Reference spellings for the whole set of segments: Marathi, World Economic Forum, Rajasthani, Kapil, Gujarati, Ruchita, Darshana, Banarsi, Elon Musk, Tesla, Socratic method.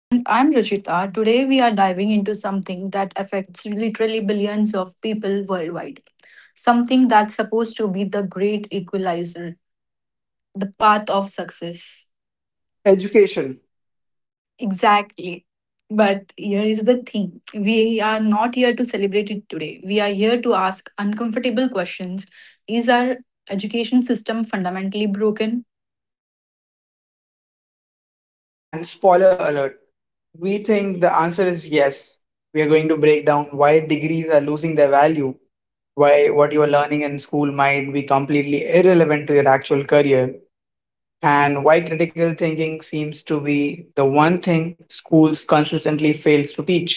And I'm Ruchita. Today we are diving into something that affects literally billions of people worldwide. Something that's supposed to be the great equalizer, the path of success. Education Exactly. But here is the thing, we are not here to celebrate it today. We are here to ask uncomfortable questions. Is our education system fundamentally broken? and spoiler alert. We think the answer is yes. We are going to break down why degrees are losing their value, why what you are learning in school might be completely irrelevant to your actual career, and why critical thinking seems to be the one thing schools consistently fails to teach.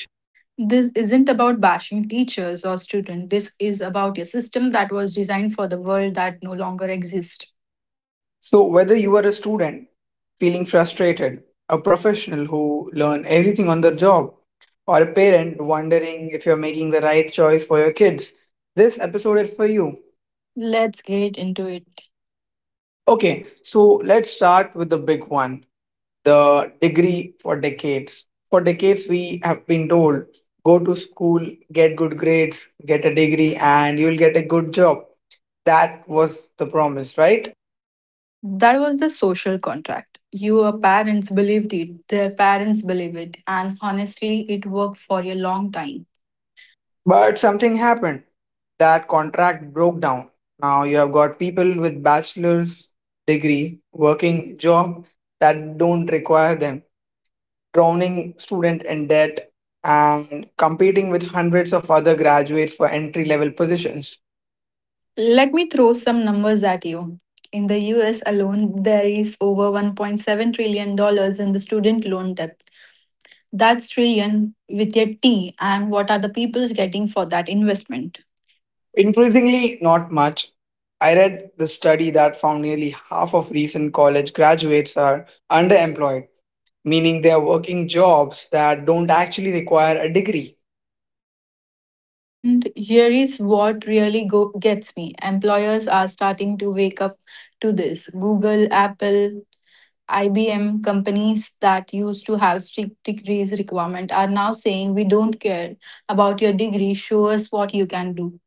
This isn't about bashing teachers or students. This is about a system that was designed for the world that no longer exists. So, whether you are a student feeling frustrated, a professional who learn everything on the job, or a parent wondering if you're making the right choice for your kids, this episode is for you. Let's get into it. Okay, so let's start with the big one, the degree for decades. For decades, we have been told go to school, get good grades, get a degree, and you'll get a good job. That was the promise, right? That was the social contract. Your parents believed it, their parents believe it, and honestly, it worked for a long time. But something happened. That contract broke down. Now you have got people with bachelor's degree working job that don't require them, drowning student in debt and competing with hundreds of other graduates for entry level positions. Let me throw some numbers at you. In the US alone, there is over $1.7 trillion dollars in the student loan debt. That's trillion with a T, and what are the people's getting for that investment? Increasingly not much. I read the study that found nearly half of recent college graduates are underemployed, meaning they are working jobs that don't actually require a degree. And here is what really gets me, employers are starting to wake up to this. Google, Apple, IBM companies that used to have strict degrees requirement are now saying we don't care about your degree, show us what you can do.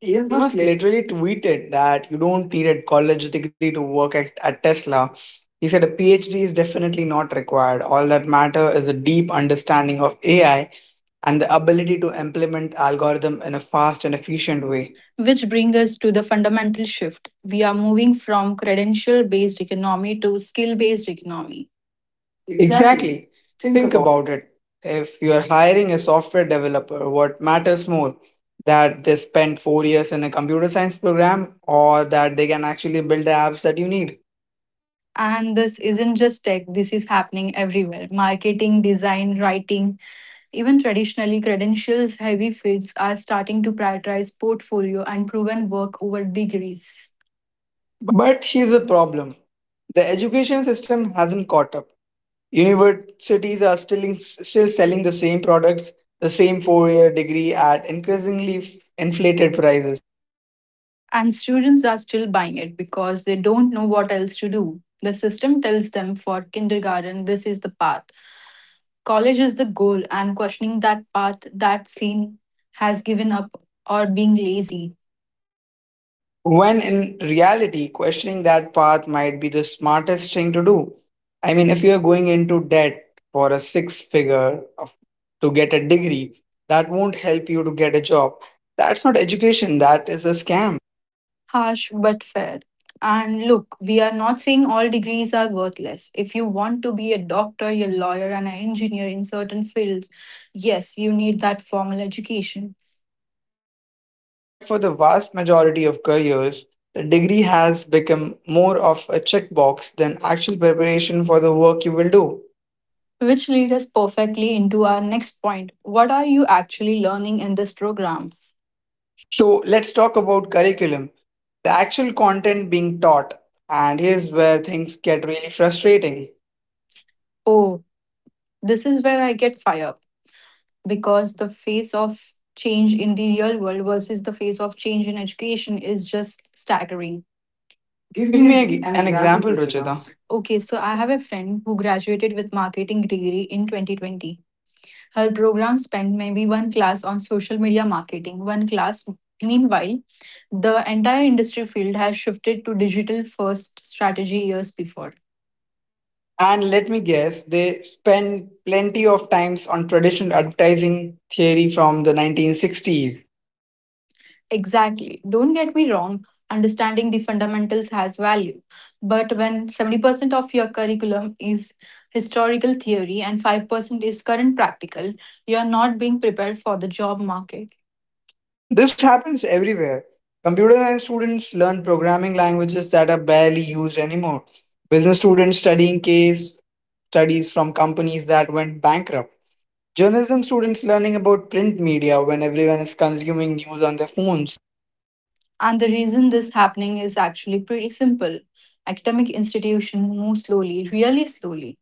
You Elon must Musk literally tweeted that you don't need a college degree to work at Tesla. He said a PhD is definitely not required. All that matter is a deep understanding of AI and the ability to implement algorithm in a fast and efficient way. Which brings us to the fundamental shift. We are moving from credential based economy to skill based economy. Exactly. Exactly. Think Think about it. about it. If you're hiring a software developer, what matters more? That they spend 4 years in a computer science program or that they can actually build the apps that you need? And this isn't just tech, this is happening everywhere. Marketing, design, writing, even traditionally credentials heavy fields are starting to prioritize portfolio and proven work over degrees. But here's the problem, the education system hasn't caught up. Universities are still selling the same products, the same 4 year degree at increasingly inflated prices. And students are still buying it because they don't know what else to do. The system tells them for kindergarten, this is the path. College is the goal, and questioning that path, that scene has given up or being lazy. When in reality, questioning that path might be the smartest thing to do. I mean, if you're going into debt for a to get a degree, that won't help you to get a job. That's not education, that is a scam. Harsh but fair. And look, we are not saying all degrees are worthless. If you want to be a doctor, a lawyer, and an engineer in certain fields, yes, you need that formal education. But for the vast majority of careers, the degree has become more of a checkbox than actual preparation for the work you will do. Which lead us perfectly into our next point. What are you actually learning in this program? So let's talk about curriculum, the actual content being taught. And here's where things get really frustrating. Oh, this is where I get fired up, because the face of change in the real world versus the face of change in education is just staggering. Give Give me me a g an an example, example, Rachita. Ruchita. Okay, so I have a friend who graduated with marketing degree in 2020. Her program spent maybe one class on social media marketing, one class. Meanwhile, the entire industry field has shifted to digital first strategy years before. And let me guess, they spend plenty of times on traditional advertising theory from the 1960s. Exactly. Don't get me wrong, understanding the fundamentals has value. But when 70% of your curriculum is historical theory and 5% is current practical, you are not being prepared for the job market. This happens everywhere. Computer science students learn programming languages that are barely used anymore. Business students studying case studies from companies that went bankrupt. Journalism students learning about print media when everyone is consuming news on their phones. And the reason this happening is actually pretty simple. Academic institutions move slowly, really slowly.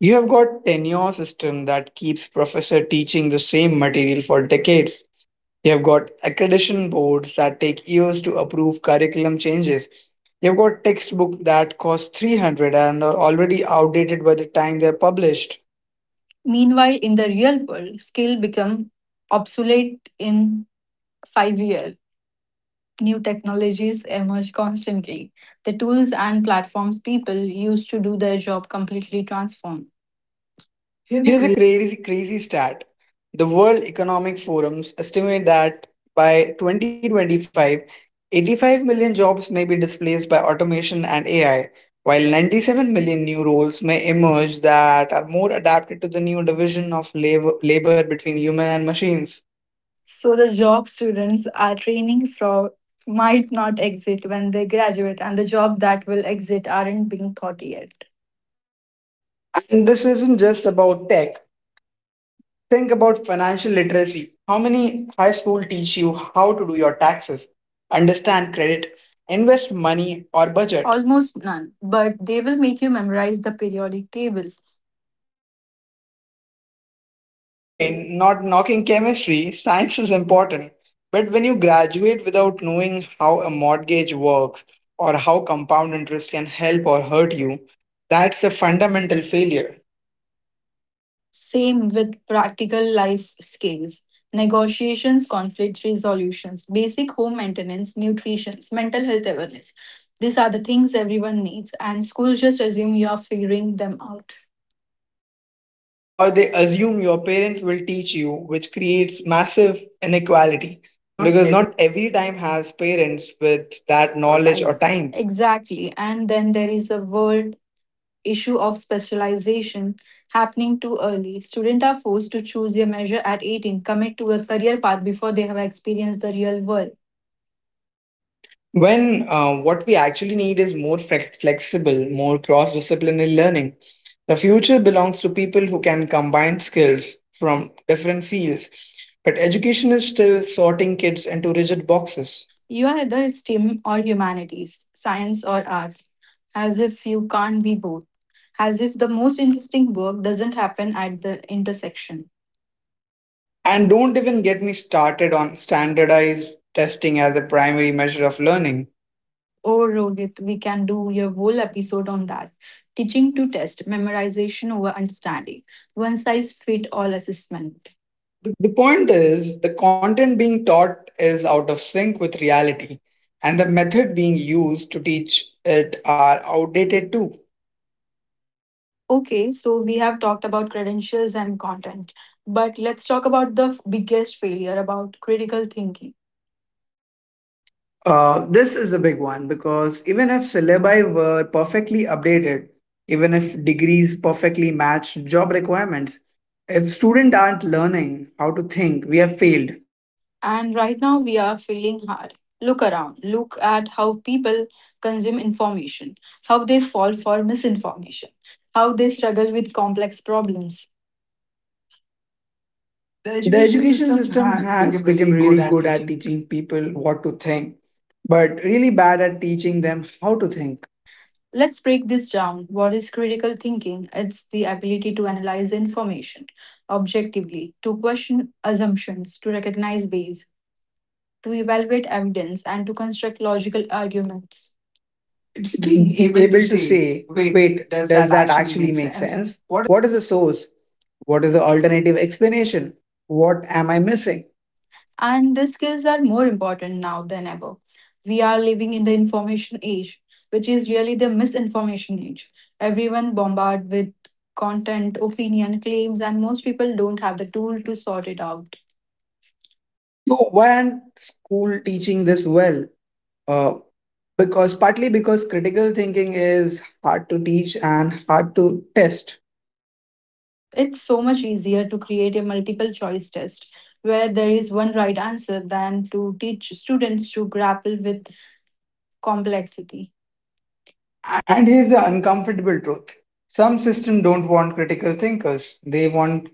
You have got tenure system that keeps professor teaching the same material for decades. You have got accreditation boards that take years to approve curriculum changes. You've got textbook that cost 300 and are already outdated by the time they're published. Meanwhile, in the real world, skill become obsolete in 5 years. New technologies emerge constantly. The tools and platforms people used to do their job completely transform. Hear the Here's a cra- crazy, crazy stat. The World Economic Forums estimate that by 2025, 85 million jobs may be displaced by automation and AI, while 97 million new roles may emerge that are more adapted to the new division of labor, labor between human and machines. So the job students are training for might not exit when they graduate, and the job that will exit aren't being thought yet. And this isn't just about tech. Think about financial literacy. How many high school teach you how to do your taxes, understand credit, invest money or budget? Almost none, but they will make you memorize the periodic table. Again, not knocking chemistry, science is important. But when you graduate without knowing how a mortgage works or how compound interest can help or hurt you, that's a fundamental failure. Same with practical life skills, negotiations, conflict resolutions, basic home maintenance, nutrition, mental health awareness. These are the things everyone needs, and schools just assume you are figuring them out. Or they assume your parents will teach you, which creates massive inequality Because not because every not every time has parents with that knowledge or knowledge or time. time. Exactly. And then there is the world issue of specialization happening too early. Students are forced to choose a measure at 18, commit to a career path before they have experienced the real world. When what we actually need is more flexible, more cross disciplinary learning. The future belongs to people who can combine skills from different fields. But education is still sorting kids into rigid boxes. You are either STEM or humanities, science or arts, as if you can't be both, as if the most interesting work doesn't happen at the intersection. And don't even get me started on standardized testing as a primary measure of learning. Oh, Rohit, we can do your whole episode on that. Teaching to test, memorization over understanding, one size fit all assessment. The point is, the content being taught is out of sync with reality, and the method being used to teach it are outdated too. Okay, so we have talked about credentials and content, but let's talk about the biggest failure about critical thinking. This is a big one because even if syllabi were perfectly updated, even if degrees perfectly matched job requirements, if students aren't learning how to think, we have failed. And right now we are failing hard. Look around. Look at how people consume information, how they fall for misinformation, how they struggle with complex problems. The The education education system system has has become become really good really at good at teaching people. teaching people what to think, but really bad at teaching them how to think. Let's break this down. What is critical thinking? It's the ability to analyze information objectively, to question assumptions, to recognize bias, to evaluate evidence, and to construct logical arguments. It's It's being able to able to say, say, wait, wait, does does that that actually actually make make sense? sense? What What is the source? What is the alternative explanation? What am I missing? and the skills are more important now than ever. We are living in the information age, which is really the misinformation age. Everyone bombarded with content, opinion, claims, and most people don't have the tool to sort it out. So why aren't school teaching this well? Uh, because partly because critical thinking is hard to teach and hard to test. It's so much easier to create a multiple choice test where there is one right answer than to teach students to grapple with complexity. And here's the uncomfortable truth: some systems don't want critical thinkers; they want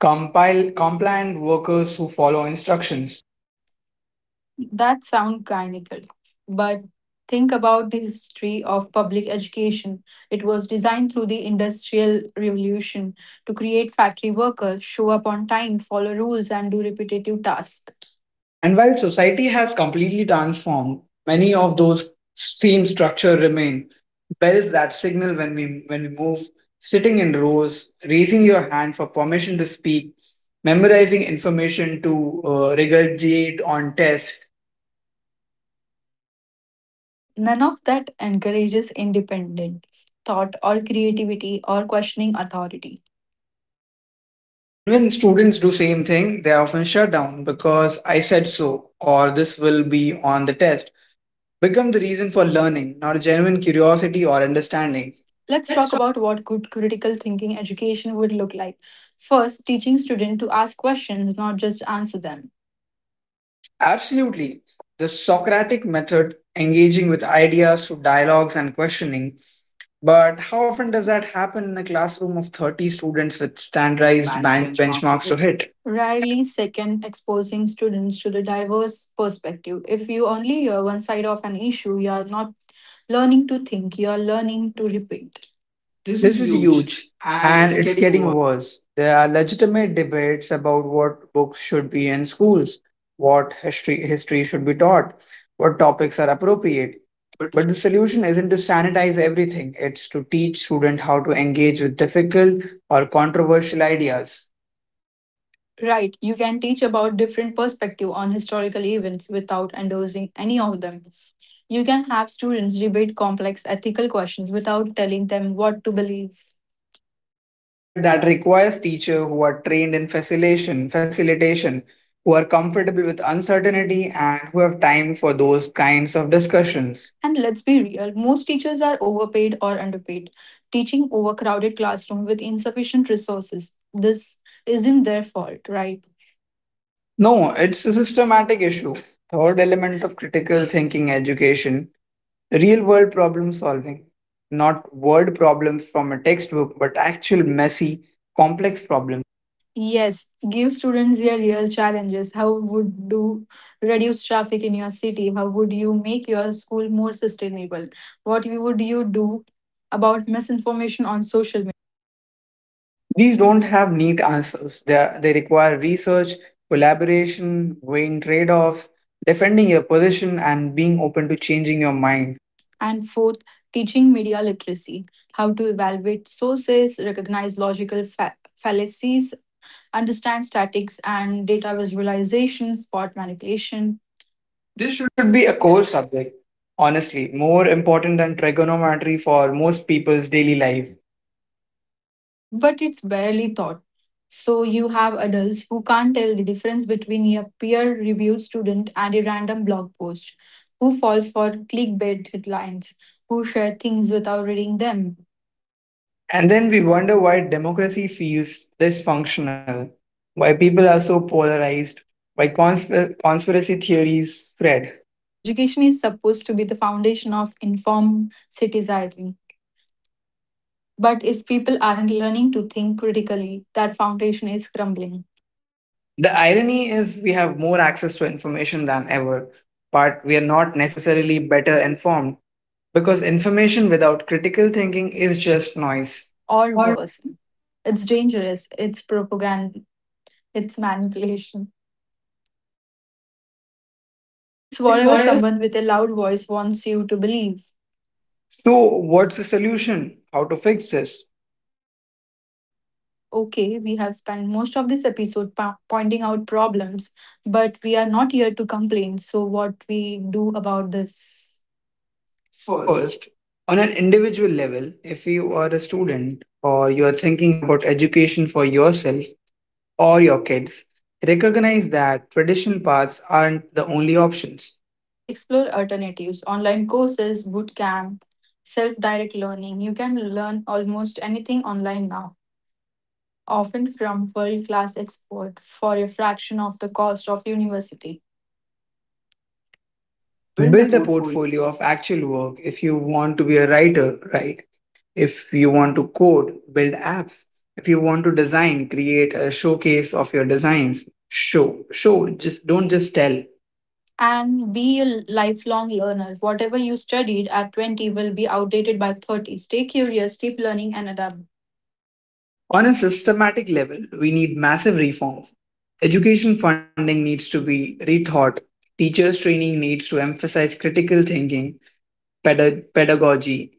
compile compliant workers who follow instructions. That sounds cynical, but think about the history of public education. It was designed through the Industrial Revolution to create factory workers, show up on time, follow rules, and do repetitive tasks. And while society has completely transformed, many of those same structure remain. Bells that signal when we move, sitting in rows, raising your hand for permission to speak, memorizing information to regurgitate on tests. None of that encourages independent thought or creativity or questioning authority. And when students do same thing, they are often shut down because I said so or this will be on the test. Become the reason for learning, not genuine curiosity or understanding. Let's talk Let's about what good critical thinking education would look like. First, teaching students to ask questions, not just answer them. Absolutely. The Socratic method, engaging with ideas through dialogues and questioning. But how often does that happen in a classroom of 30 students with Raised standardized bank benchmarks to benchmarks to hit. hit? Rarely, second, exposing students to the diverse perspective. If you only hear one side of an issue, you are not learning to think, you are learning to repeat. This is This is huge huge, and and it's it's getting getting worse. worse. There are legitimate debates about what books should be in schools, what history should be taught, what topics are appropriate. But it's- But the solution isn't to sanitize everything, it's to teach students how to engage with difficult or controversial ideas. Right, you can teach about different perspective on historical events without endorsing any of them. You can have students debate complex ethical questions without telling them what to believe. But that requires teachers who are trained in facilitation, who are comfortable with uncertainty and who have time for those kinds of discussions. And let's be real, most teachers are overpaid or underpaid, teaching overcrowded classroom with insufficient resources. This isn't their fault, right? No, it's a systematic issue. Third element of critical thinking education, real world problem solving. Not word problems from a textbook, but actual messy, complex problems. Yes, give students their real challenges. How would do reduce traffic in your city? How would you make your school more sustainable? Would you do about misinformation on social. These don't have neat answers. They require research, collaboration, weighing trade offs, defending your position, and being open to changing your mind. And fourth, teaching media literacy, how to evaluate sources, recognize logical fallacies, understand statics and data visualization, spot manipulation. This- This should be a core subject, honestly, more important than trigonometry for most people's daily life. But it's barely taught. So you have adults who can't tell the difference between a peer-reviewed student and a random blog post, who fall for clickbait headlines, who share things without reading them. And then we wonder why democracy feels dysfunctional, why people are so polarized, why conspiracy theories spread. Education is supposed to be the foundation of informed citizenry. But if people aren't learning to think critically, that foundation is crumbling. The irony is we have more access to information than ever, but we are not necessarily better informed because information without critical thinking is just noise. Or Or worse, it's dangerous, it's propaganda, it's manipulation. It's It's whatever what I was someone with a loud voice wants you to believe. So, what's the solution? How to fix this? Okay, we have spent most of this episode pointing out problems, but we are not here to complain. So, what we do about this? First, First, on an individual level, if you are a student or you are thinking about education for yourself or your kids, recognize that traditional paths aren't the only options. explore alternatives, online courses, boot camp, self direct learning. You can learn almost anything online now, often from world class experts, for a fraction of the cost of university. Build a Build a portfolio. portfolio of actual work if you want to be a writer, right? If you want to code, build apps. If you want to design, create a showcase of your designs. Just don't just tell. And be a lifelong learner. Whatever you studied at 20 will be outdated by 30. Stay curious, keep learning, and adapt. On a systematic level, we need massive reforms. Education funding needs to be rethought. Teachers' training needs to emphasize critical thinking, pedagogy.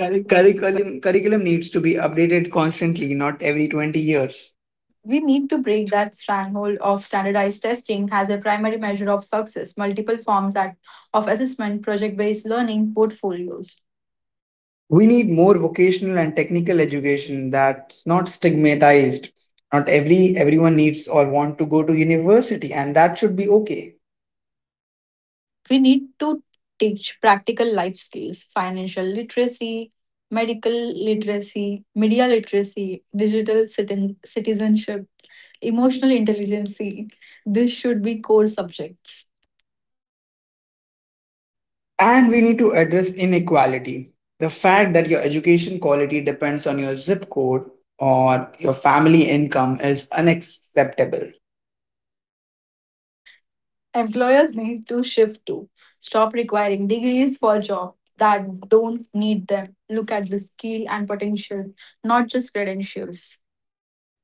Correct, Bhavani. Curriculum needs to be updated constantly, not every 20 years. We need to break that stranglehold of standardized testing as a primary measure of success. Multiple forms at, of assessment, project based learning, portfolios. We need more vocational and technical education that's not stigmatized. Not everyone needs or want to go to university, and that should be okay. We need to teach practical life skills, financial literacy, medical literacy, media literacy, digital citizenship, emotional intelligence. This should be core subjects. And we need to address inequality. The fact that your education quality depends on your zip code or your family income is unacceptable. Employers need to shift to stop requiring degrees for jobs that don't need them. Look at the skill and potential, not just credentials.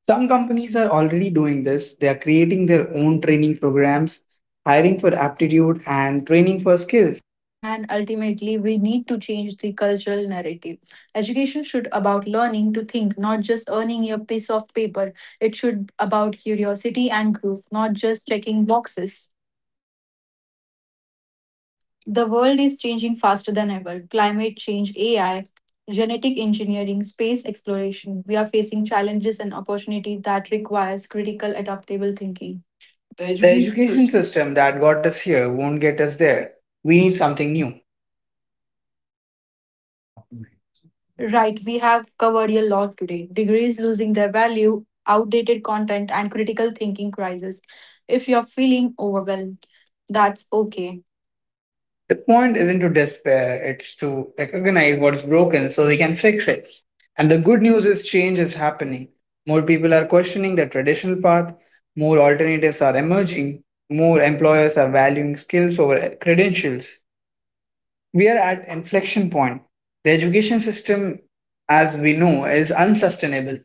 Some companies are already doing this. They are creating their own training programs, hiring for aptitude, and training for skills. And ultimately we need to change the cultural narrative. Education should about learning to think, not just earning your piece of paper. It should about curiosity and growth, not just checking boxes. The world is changing faster than ever. Climate change, AI, genetic engineering, space exploration, we are facing challenges and opportunity that requires critical adaptable thinking. The The education education system. system that got us here won't get us there. We need something new. Right, we have covered a lot today. Degrees losing their value, outdated content, and critical thinking crisis. If you're feeling overwhelmed, that's okay. The point isn't to despair, it's to recognize what's broken so we can fix it. And the good news is change is happening. More people are questioning the traditional path, more alternatives are emerging, more employers are valuing skills over credentials. We are at an inflection point. The education system as we know is unsustainable.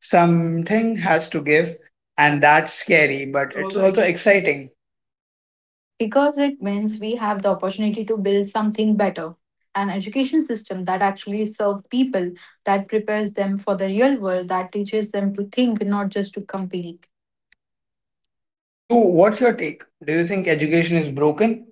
Something has to give and that's scary, but It's it's also also exciting. because it means we have the opportunity to build something better, an education system that actually serves people, that prepares them for the real world, that teaches them to think, not just to compete. So what's your take? Do you think education is broken?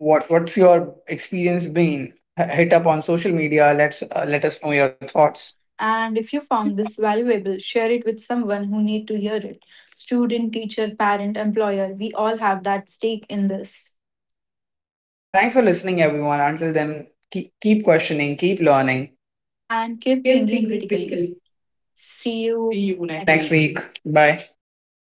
What what's your experience been? Hit up on social media. Let's let us know your thoughts. And if you found this valuable, share it with someone who need to hear it. Student, teacher, parent, employer, we all have that stake in this. Thanks for listening, everyone. Until then, keep questioning, keep learning. And keep thinking critically. See See you you next next week. week. Bye.